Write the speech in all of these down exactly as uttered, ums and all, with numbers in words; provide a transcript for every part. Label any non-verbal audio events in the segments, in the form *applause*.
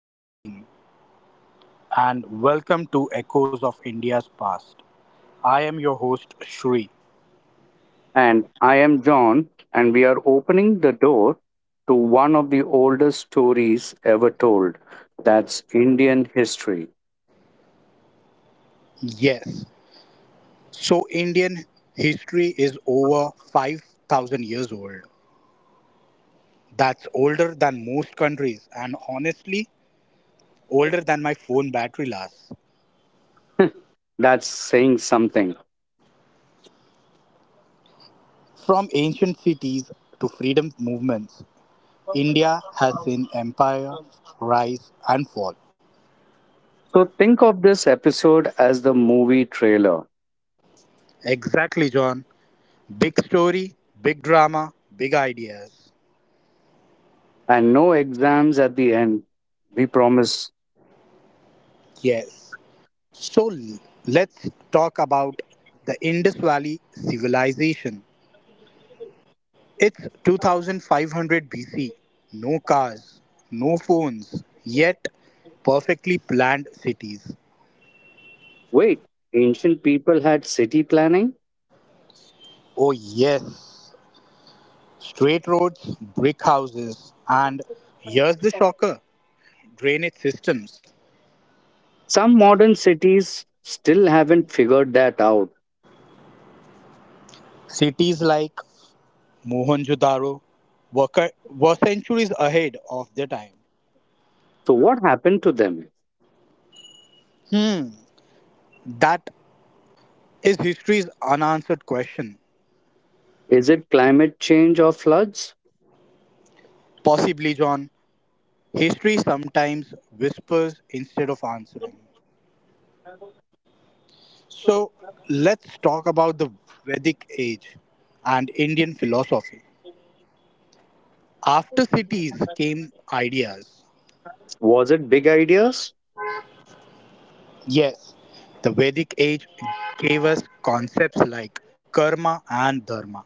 Good evening, and welcome to Echoes of India's Past. I am your host, Shri. And I am John, and we are opening the door to one of the oldest stories ever told. That's Indian history. Yes, so Indian history is over five thousand years old. That's older than most countries, and honestly, older than my phone battery lasts. *laughs* That's saying something. From ancient cities to freedom movements, India has seen empire, rise, and fall. So think of this episode as the movie trailer Exactly, John. Big story, big drama, big ideas. and no exams at the end. We promise. Yes. So l- let's talk about the Indus Valley civilization. It's two thousand five hundred B C. No cars, no phones, yet perfectly planned cities. Wait, ancient people had city planning? Oh, yes. Straight roads, brick houses, and here's the shocker drainage systems. Some modern cities still haven't figured that out. Cities like Mohenjo-daro were, cur- were centuries ahead of their time. So, what happened to them? Hmm, that is history's unanswered question. Is it climate change or floods? Possibly, John. History sometimes whispers instead of answering. So, let's talk about the Vedic age and Indian philosophy. After cities came ideas. Was it big ideas? Yes, the Vedic age gave us concepts like karma and dharma.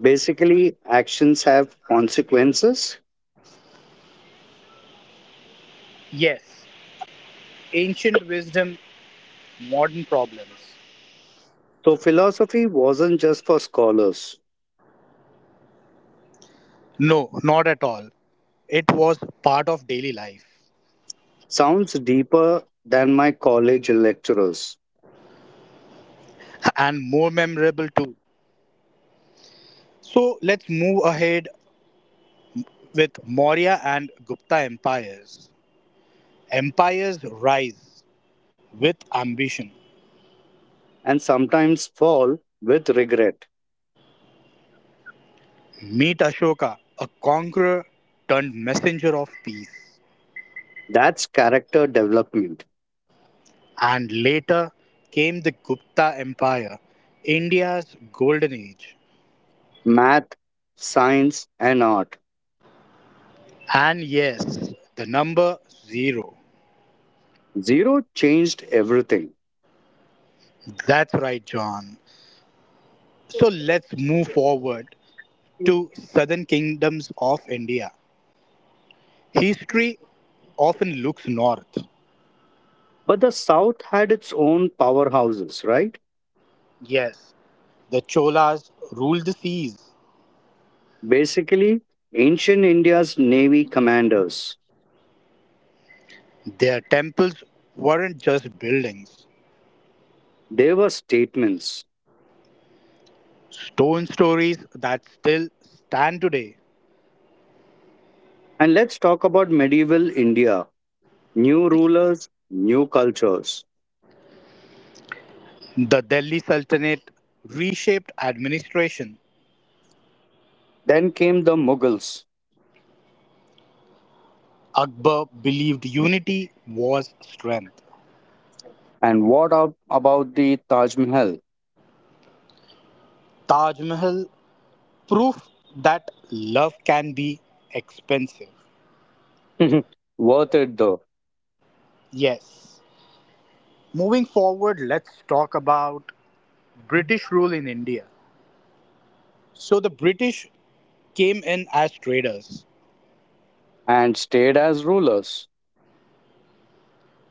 Basically, actions have consequences. Yes, ancient wisdom, modern problems. So, philosophy wasn't just for scholars, No, not at all. It was part of daily life sounds deeper than my college lecturers, and more memorable too. So let's move ahead with Maurya and Gupta empires, empires rise with ambition. and sometimes fall with regret. Meet Ashoka, a conqueror turned messenger of peace. That's character development, And later came the Gupta Empire, India's golden age. math, science, and art. And yes, the number zero. Zero changed everything. That's right, John. So let's move forward to southern kingdoms of India. History often looks north. But the South had its own powerhouses, right? Yes, the Cholas ruled the seas. Basically, ancient India's navy commanders. Their temples weren't just buildings, They were statements. stone stories that still stand today. And let's talk about medieval India. New rulers, new cultures. The Delhi Sultanate reshaped administration. Then came the Mughals. Akbar believed unity was strength. And what ab- about the Taj Mahal? Taj Mahal, proof that love can be expensive. *laughs* Worth it though, Yes. Moving forward, let's talk about British rule in India. So the British came in as traders. and stayed as rulers.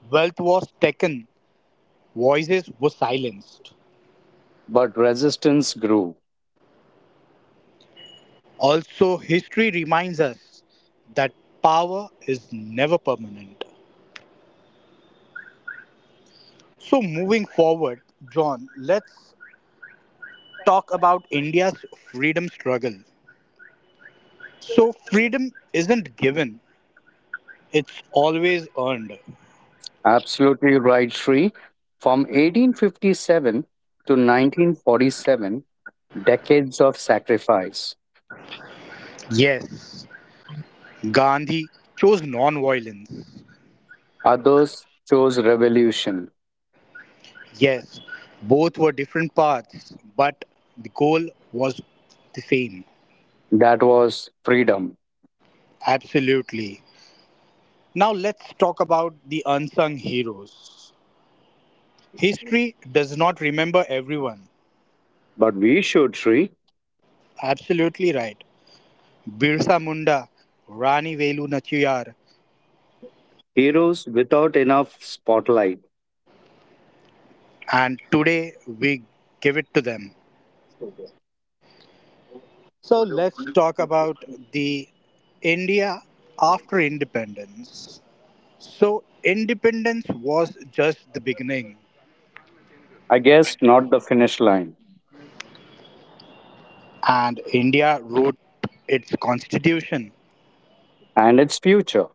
Wealth was taken, voices were silenced. But resistance grew. Also, history reminds us that power is never permanent. So, moving forward, John, let's talk about India's freedom struggle. So, freedom isn't given, it's always earned. Absolutely right, Sri. From eighteen fifty-seven to nineteen forty-seven, decades of sacrifice. Yes, Gandhi chose non violence. Others chose revolution. Yes, both were different paths, but the goal was the same. That was freedom. Absolutely. Now let's talk about the unsung heroes. History does not remember everyone. But we should, Sri. Absolutely right. Birsa Munda, Rani Velu Nachiyar, Heroes without enough spotlight. and today we give it to them. So let's talk about the India after independence. So independence was just the beginning, I guess not the finish line. and India wrote its constitution. And its future.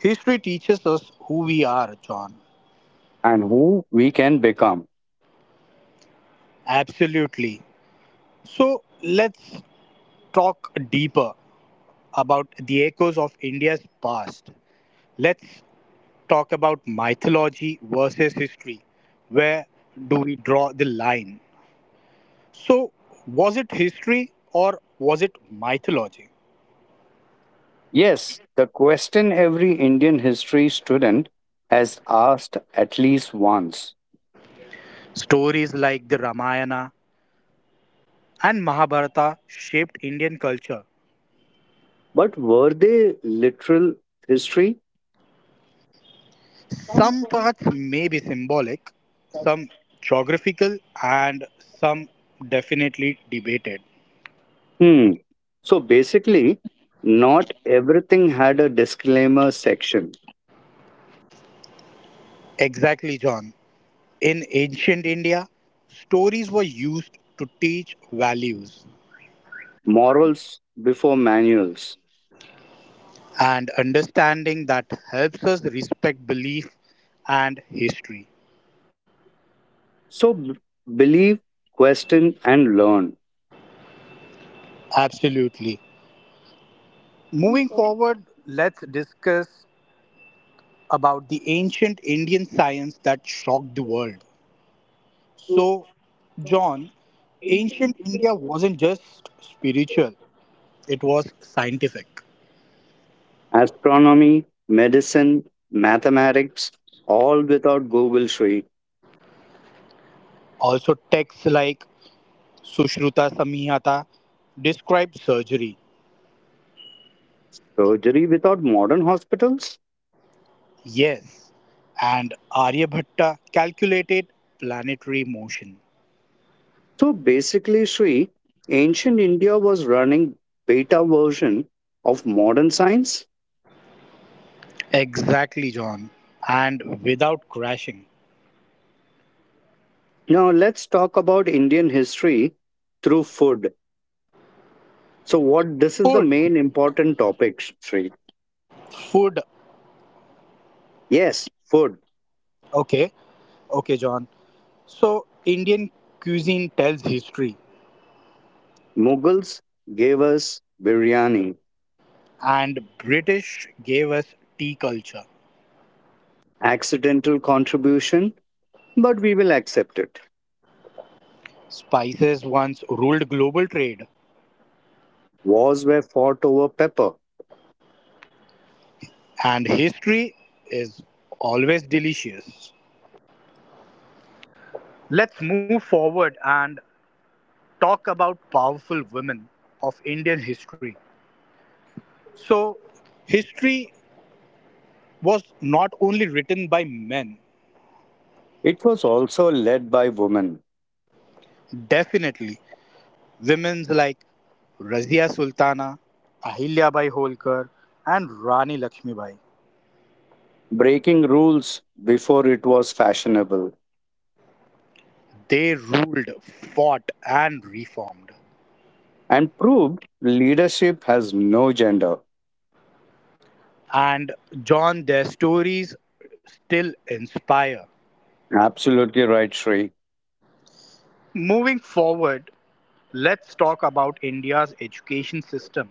History teaches us who we are, John. And who we can become. Absolutely. So let's talk deeper about the echoes of India's past. Let's talk about mythology versus history. Where do we draw the line? So, was it history or was it mythology? Yes, the question every Indian history student has asked at least once. Stories like the Ramayana and Mahabharata shaped Indian culture. But were they literal history? Hmm. Some parts may be symbolic, some geographical, and some definitely debated. So basically, not everything had a disclaimer section, Exactly, John. In ancient India, stories were used to teach values morals before manuals, and understanding that helps us respect belief and history. So b- believe, question, and learn. Absolutely. Moving forward, let's discuss about the ancient Indian science that shocked the world. So, John, ancient India wasn't just spiritual, it was scientific. Astronomy, medicine, mathematics, all without Google, Sri. Also, texts like Sushruta Samhita describe surgery. Surgery without modern hospitals. Yes, and Aryabhatta calculated planetary motion. So basically, Sri, ancient India was running beta version of modern science. Exactly, John. And without crashing. Now let's talk about Indian history through food. So what this is the Food. main important topic, Sri. Food. Yes, food. Okay. Okay, John. So, Indian cuisine tells history, Mughals gave us biryani, and British gave us tea culture. accidental contribution, but we will accept it. Spices once ruled global trade, Wars were fought over pepper. and history is always delicious. Let's move forward and talk about powerful women of Indian history. So, history was not only written by men, It was also led by women, definitely. Women's like Razia Sultana, Ahilya Bai Holkar, and Rani Lakshmibai. breaking rules before it was fashionable, They ruled, fought, and reformed. and proved leadership has no gender. And, John, their stories still inspire. Absolutely right, Shri. Moving forward, let's talk about India's education system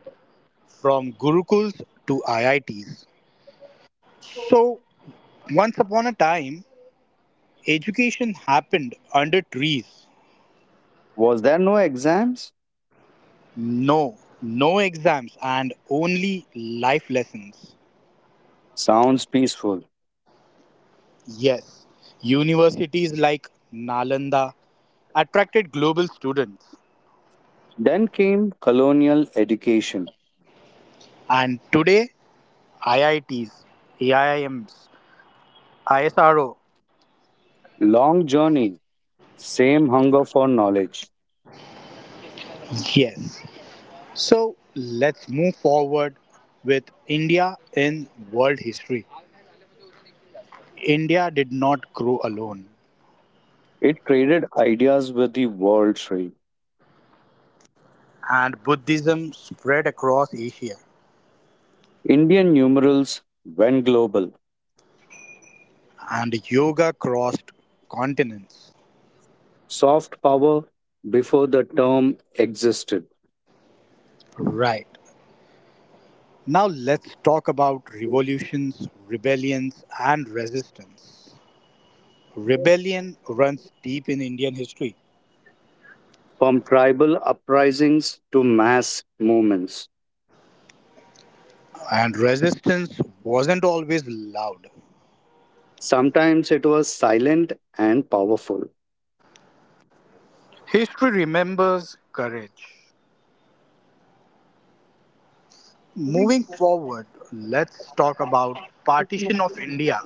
from Gurukuls to I I Ts. So, once upon a time, education happened under trees. Was there no exams? No, no exams and only life lessons. Sounds peaceful. Yes, universities like Nalanda attracted global students. Then came colonial education. And today, I I Ts, A I I Ms, ISRO. Long journey, same hunger for knowledge. Yes. So let's move forward with India in world history. India did not grow alone, It traded ideas with the world trade. and Buddhism spread across Asia, Indian numerals went global. and yoga crossed continents. Soft power before the term existed. Right. Now let's talk about revolutions, rebellions, and resistance. Rebellion runs deep in Indian history, From tribal uprisings to mass movements. and resistance wasn't always loud. Sometimes it was silent and powerful. History remembers courage. Moving forward, let's talk about partition of India,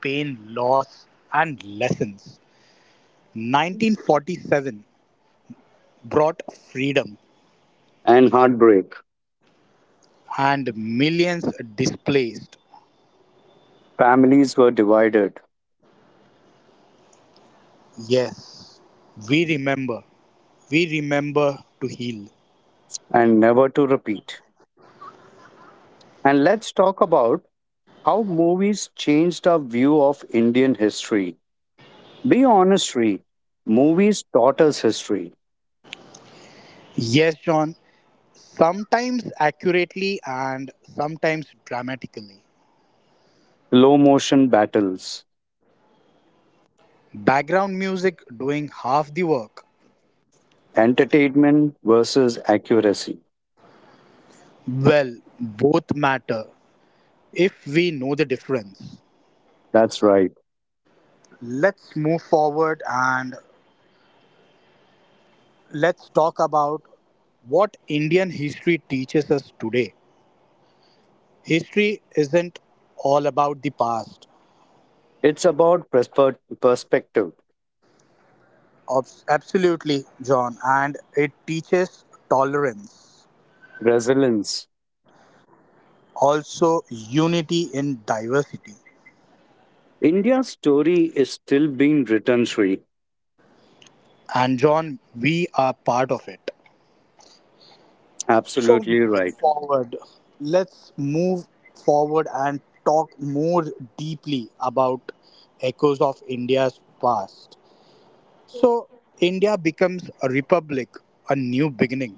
pain, loss, and lessons. nineteen forty-seven brought freedom, And heartbreak. and millions displaced. Families were divided Yes, we remember. We remember to heal. and never to repeat. And let's talk about how movies changed our view of Indian history. Be honest, Ree. Movies taught us history. Yes, John, sometimes accurately and sometimes dramatically. Slow motion battles, Background music doing half the work. entertainment versus accuracy. Well, both matter if we know the difference. That's right. Let's move forward and let's talk about what Indian history teaches us today. History isn't all about the past. It's about perspe- perspective, Abs- Absolutely, John. And it teaches tolerance, resilience. also unity in diversity. India's story is still being written, Sri. And, John, we are part of it. So, Absolutely moving right. forward, let's move forward and talk more deeply about echoes of India's past. So, India becomes a republic, a new beginning.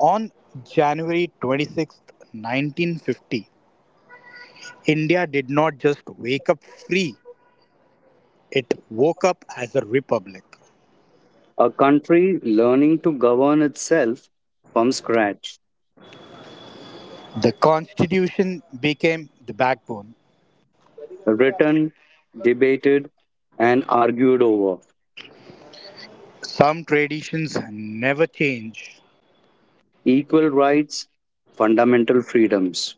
On January twenty-sixth, nineteen fifty, India did not just wake up free, it woke up as a republic. A country learning to govern itself from scratch, The constitution became the backbone. written, debated, and argued over. Some traditions never change, Equal rights, fundamental freedoms.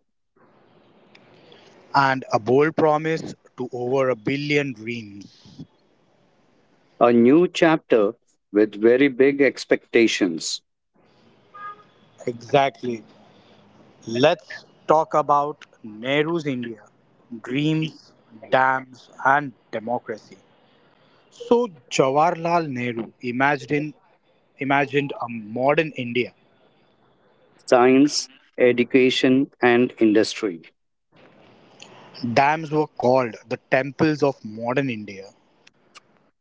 and a bold promise to over a billion dreams. A new chapter with very big expectations. Exactly. Let's talk about Nehru's India dreams, dams, and democracy. So, Jawaharlal Nehru imagined, imagined a modern India. Science, education, and industry. Dams were called the temples of modern India.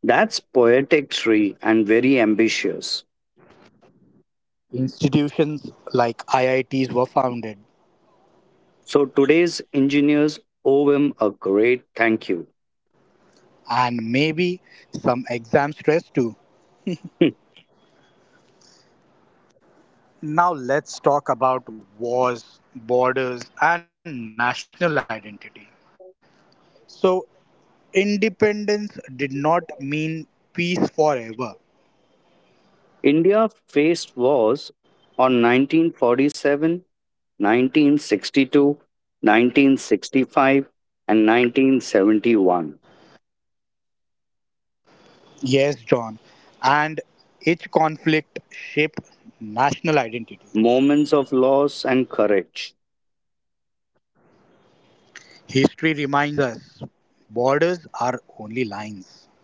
That's poetic tree and very ambitious. Institutions like I I Ts were founded, So today's engineers owe him a great thank you. and maybe some exam stress too. Hmm. Now, let's talk about wars, borders, and national identity. So, independence did not mean peace forever. India faced wars on nineteen forty-seven, nineteen sixty-two, nineteen sixty-five, and nineteen seventy-one. Yes, John, and each conflict shaped national identity. Moments of loss and courage. History reminds us borders are only lines.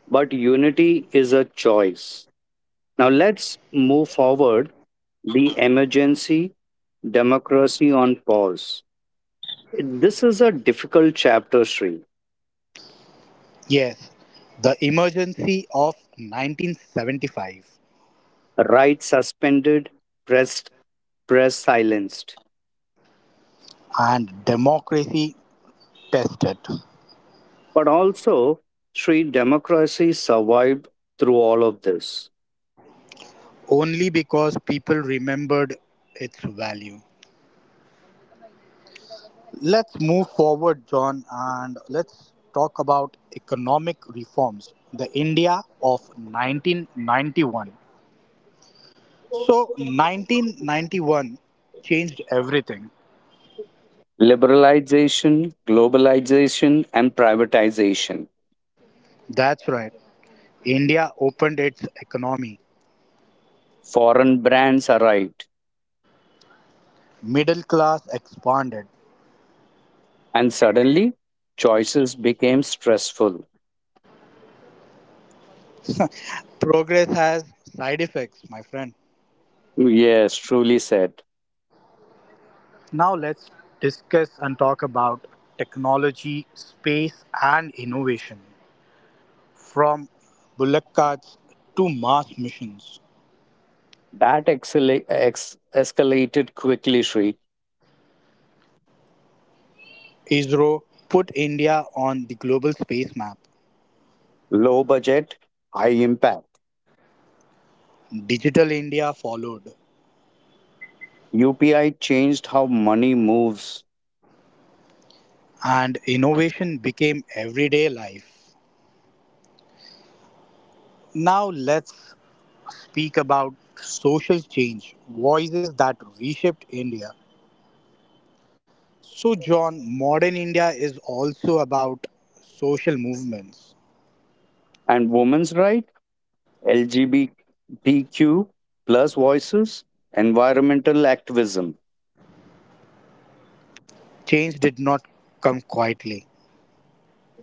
But unity is a choice. Now let's move forward the emergency, democracy on pause. This is a difficult chapter, Sri. Yes, the emergency of nineteen seventy-five. Right, suspended press press silenced. And democracy tested But also, Sri, democracy survived through all of this. only because people remembered its value. Let's move forward, John, and let's talk about economic reforms. The India of nineteen ninety-one. So, nineteen ninety-one changed everything. Liberalization, globalization, and privatization. That's right. India opened its economy, Foreign brands arrived, middle class expanded. and suddenly choices became stressful. Progress has side effects, my friend. Yes, truly said. Now let's discuss and talk about technology, space, and innovation. From bullock carts to Mars missions, That excela- ex- escalated quickly, Sri. ISRO put India on the global space map. Low budget, high impact. Digital India followed, U P I changed how money moves. and innovation became everyday life. Now let's speak about social change, voices that reshaped India. So, John, modern India is also about social movements. And women's right, L G B T Q plus voices, environmental activism. Change did not come quietly,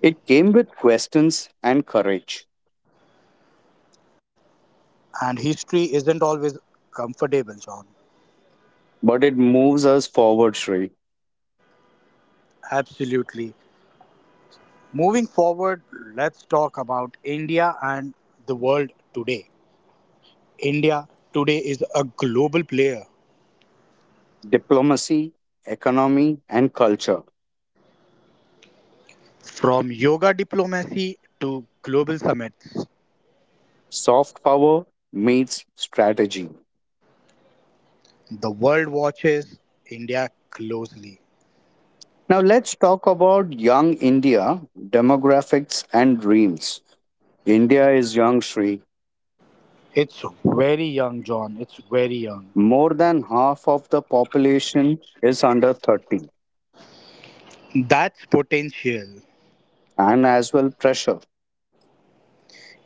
It came with questions and courage. and history isn't always comfortable, John. But it moves us forward, Sri. Absolutely. Moving forward, let's talk about India and the world today. India today is a global player. Diplomacy, economy, and culture. From yoga diplomacy to global summits, Soft power meets strategy. the world watches India closely. Now let's talk about young India, demographics, and dreams. India is young, Sri. It's very young, John. It's very young. More than half of the population is under thirty That's potential. and as well pressure.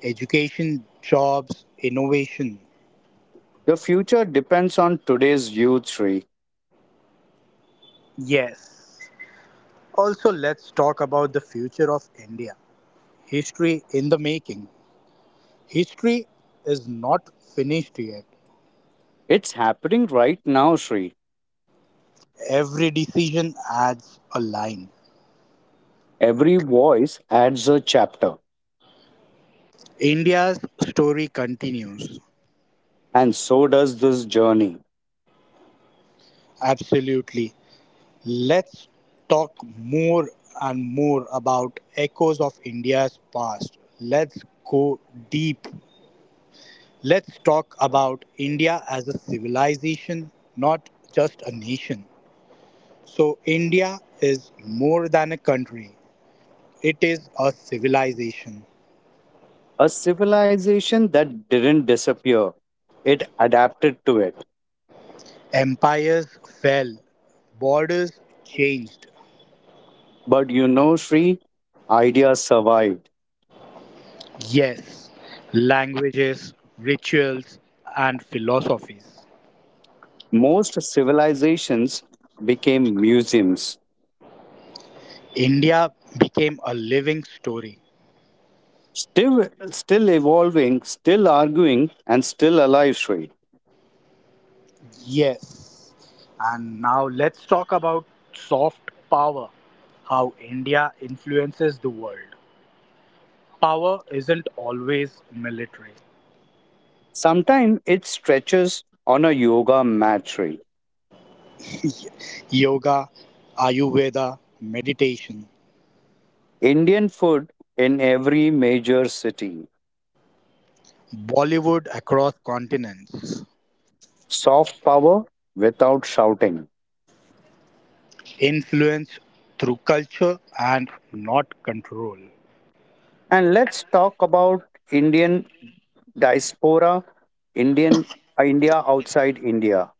Education, jobs, innovation. The future depends on today's youth, Sri. Yes. Also, let's talk about the future of India. History in the making. History is not finished yet. It's happening right now, Sri. Every decision adds a line. Every voice adds a chapter, India's story continues. and so does this journey. Absolutely. Let's talk more and more about echoes of India's past. Let's go deep. Let's talk about India as a civilization, not just a nation. So, India is more than a country, it is a civilization. A civilization that didn't disappear, it adapted to it. Empires fell, borders changed. But you know, Sri, ideas survived. Yes, languages, rituals, and philosophies. Most civilizations became museums. India became a living story. Still, still evolving, still arguing, and still alive, Sri. Yes, and now let's talk about soft power, how India influences the world. Power isn't always military. Sometimes it stretches on a yoga mat, Sri. Yoga, Ayurveda, meditation, Indian food in every major city. Bollywood across continents, Soft power without shouting. influence through culture and not control. And let's talk about Indian diaspora, Indian uh, India outside India.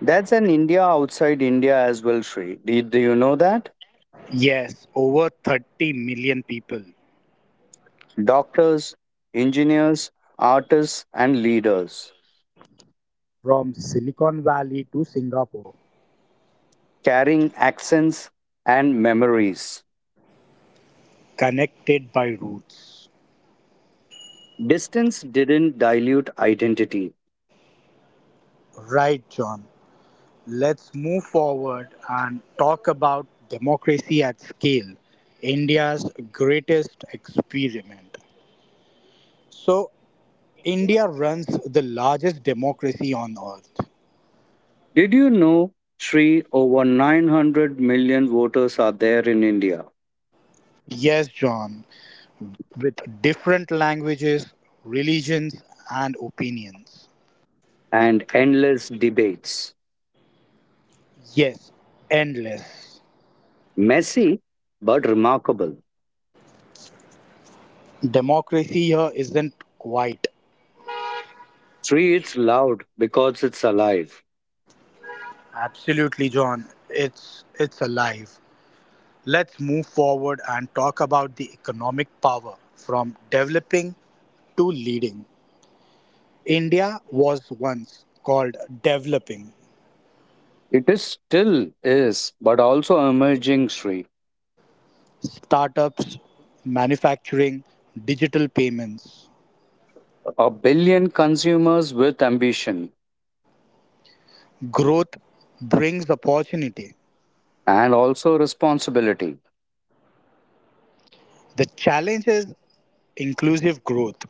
That's an India outside India as well, Sri. Do, do you know that? Yes, over 30 million people Doctors, engineers, artists, and leaders. from Silicon Valley to Singapore Carrying accents and memories. connected by roots. Distance didn't dilute identity. Right, John. Let's move forward and talk about democracy at scale, India's greatest experiment. So, India runs the largest democracy on earth. Did you know, Sri, over nine hundred million voters are there in India Yes, John, with different languages, religions, and opinions. and endless debates? Yes, endless. Messy, but remarkable. Democracy here isn't quite. Sri, it's loud because it's alive. Absolutely, John. It's it's alive. Let's move forward and talk about the economic power from developing to leading. India was once called developing It is still is, but also emerging, Sri. startups, manufacturing, digital payments. A billion consumers with ambition Growth brings opportunity. and also responsibility. The challenge is inclusive growth,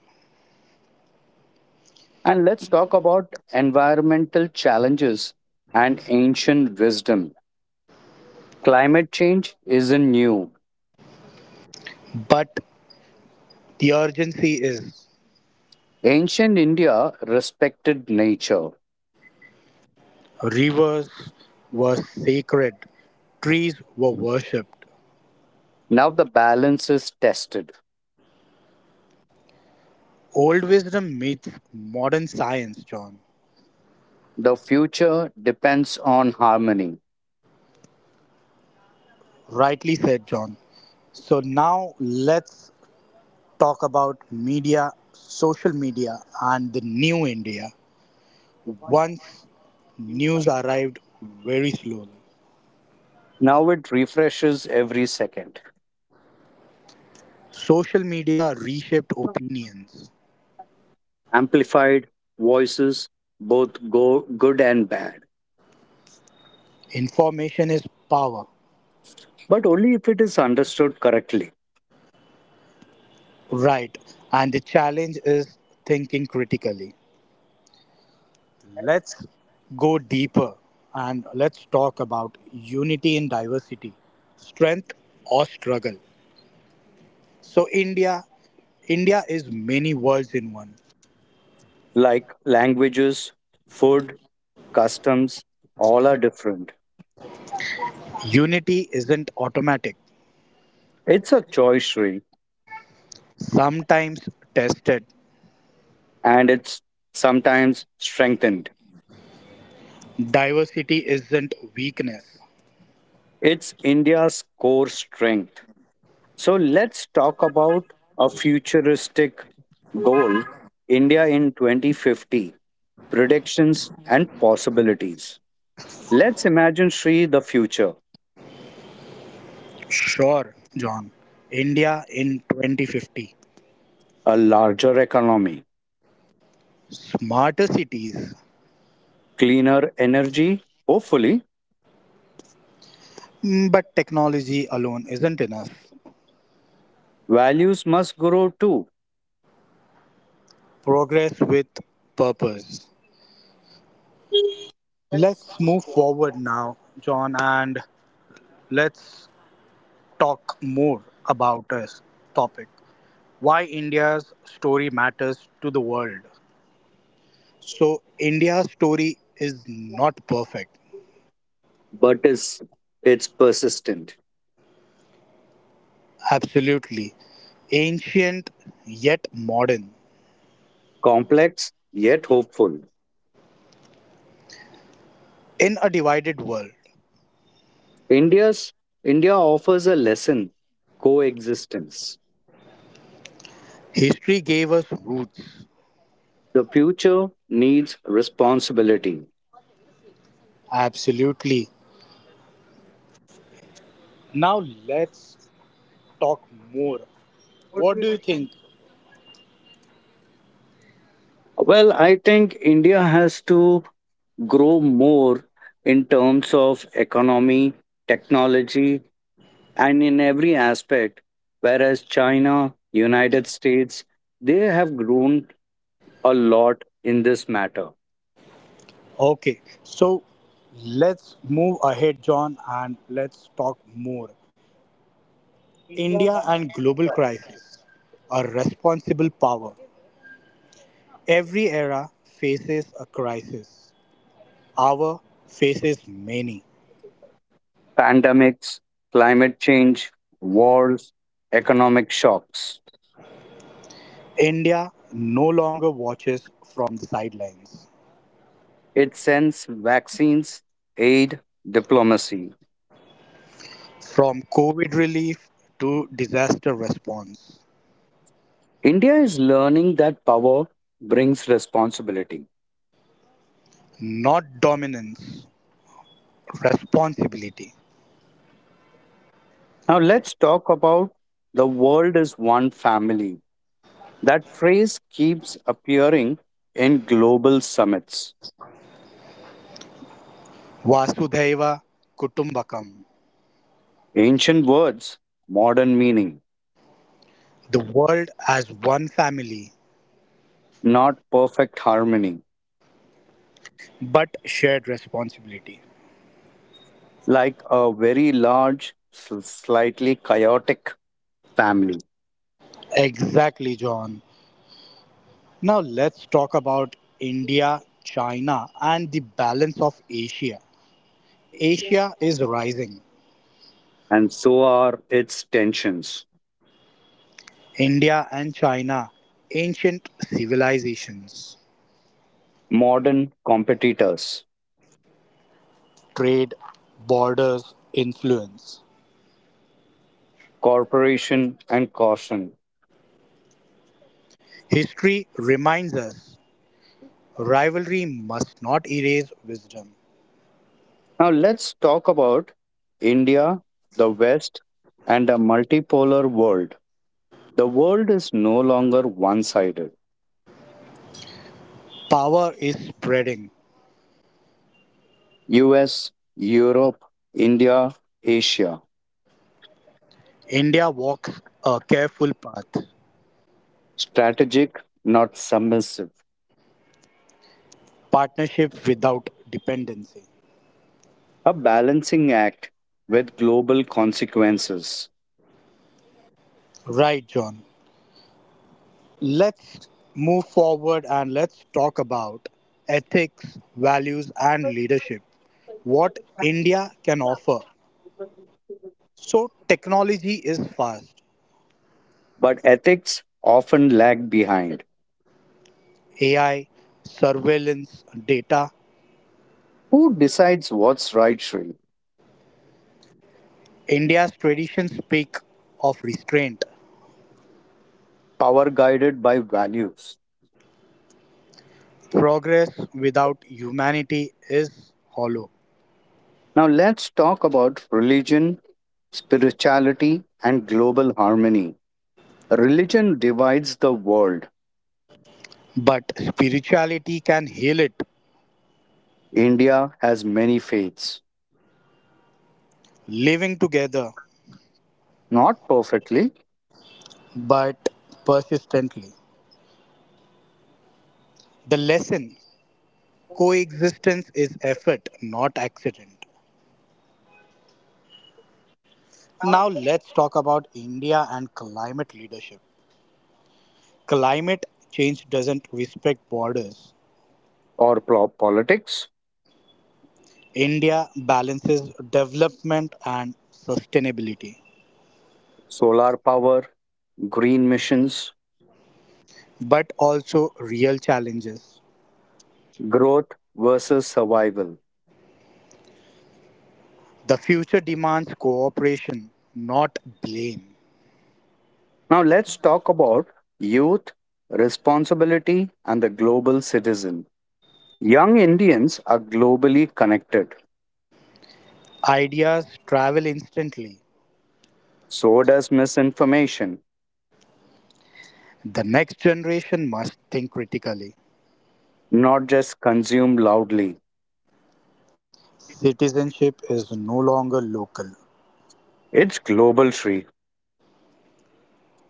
And let's talk about environmental challenges and ancient wisdom. Climate change isn't new. but the urgency is Ancient India respected nature. rivers were sacred, trees were worshipped. Now the balance is tested. Old wisdom meets modern science, John. The future depends on harmony. Rightly said, John. So now let's talk about media, social media, and the new India. Once, news arrived very slowly. Now it refreshes every second. Social media reshaped opinions. Amplified voices, both go good and bad, Information is power, but only if it is understood correctly. right? And the challenge is thinking critically. Let's go deeper and let's talk about unity in diversity, strength or struggle. So, India, India is many worlds in one. Like languages, food, customs, all are different. Unity isn't automatic, It's a choice, Sri, sometimes tested. and it's sometimes strengthened. Diversity isn't weakness. It's India's core strength. So let's talk about a futuristic goal, India in twenty fifty, predictions and possibilities. Let's imagine, Sri, the future, Sure, John. India in twenty fifty. a larger economy, Smarter cities. cleaner energy, hopefully, Mm, But technology alone isn't enough. values must grow too Progress with purpose. Let's move forward now, John, and let's talk more about this topic. Why India's story matters to the world. So, India's story is not perfect. but is it's persistent Absolutely. Ancient yet modern. complex yet hopeful. In a divided world, India's India offers a lesson, coexistence. history gave us roots. The future needs responsibility. Absolutely. Now let's talk more. What do What do you you think? think? Well, I think India has to grow more in terms of economy, technology, and in every aspect. Whereas China, United States, they have grown a lot in this matter. Okay, so let's move ahead, John, and let's talk more. India and global crisis. A responsible power. Every era faces a crisis. Our faces many. Pandemics, climate change, wars, economic shocks. India no longer watches from the sidelines. It sends vaccines, aid, diplomacy. From COVID relief to disaster response. India is learning that power brings responsibility. Not dominance, responsibility. Now, let's talk about the world is one family. That phrase keeps appearing in global summits. Vasudhaiva Kutumbakam. Ancient words, modern meaning, The world as one family, not perfect harmony, but shared responsibility. like a very large, s- slightly chaotic family. Exactly, John. Now let's talk about India, China, and the balance of Asia. Asia is rising. And so are its tensions. India and China, ancient civilizations, Modern competitors, trade, borders, influence. cooperation, and caution. History reminds us rivalry must not erase wisdom. Now, let's talk about India, the West, and a multipolar world. The world is no longer one sided. Power is spreading. U S, Europe, India, Asia. India walks a careful path. Strategic, not submissive. Partnership without dependency. A balancing act with global consequences. Right, John. Let's move forward and let's talk about ethics, values, and leadership. What India can offer. So, technology is fast. But ethics often lag behind. A I, surveillance, data. Who decides what's right, Sri? India's traditions speak of restraint. Power guided by values. Progress without humanity is hollow, Now, let's talk about religion, spirituality, and global harmony. Religion divides the world. but spirituality can heal it, India has many faiths, living together not perfectly, but persistently. The lesson coexistence is effort, not accident. Now, let's talk about India and climate leadership. Climate change doesn't respect borders. or pro- politics, India balances development and sustainability, solar power, green missions, but also real challenges. growth versus survival. The future demands cooperation, not blame. Now, let's talk about youth, responsibility, and the global citizen. Young Indians are globally connected. Ideas travel instantly. So does misinformation. The next generation must think critically. Not just consumed loudly. Citizenship is no longer local. It's global, Sri.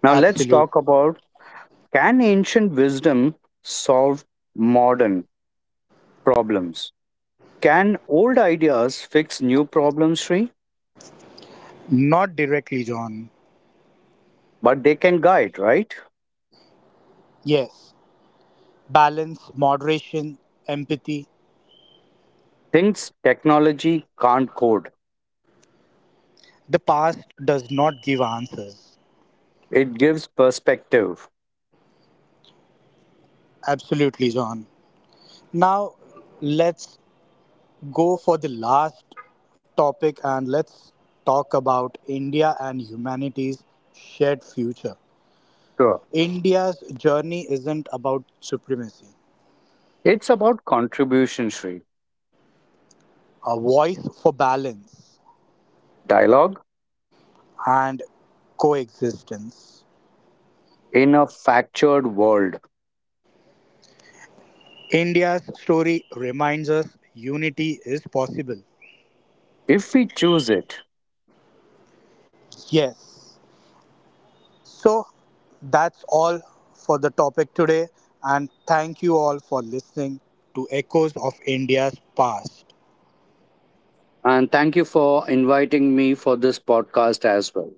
Now let's Absolute. talk about can ancient wisdom solve modern problems? Can old ideas fix new problems, Sri? Not directly, John. But they can guide, right? Yes. Balance, moderation, empathy. Things technology can't code. The past does not give answers. It gives perspective. Absolutely, John. Now, let's go for the last topic and let's talk about India and humanity's shared future. Sure. India's journey isn't about supremacy, It's about contribution, Sri. a voice for balance Dialogue and coexistence. in a fractured world. India's story reminds us unity is possible. If we choose it. Yes. So that's all for the topic today, and thank you all for listening to Echoes of India's Past. And thank you for inviting me for this podcast as well.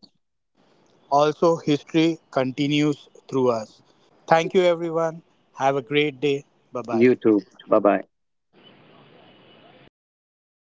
Also, history continues through us. Thank you, everyone. Have a great day. Bye bye. You too. Bye bye.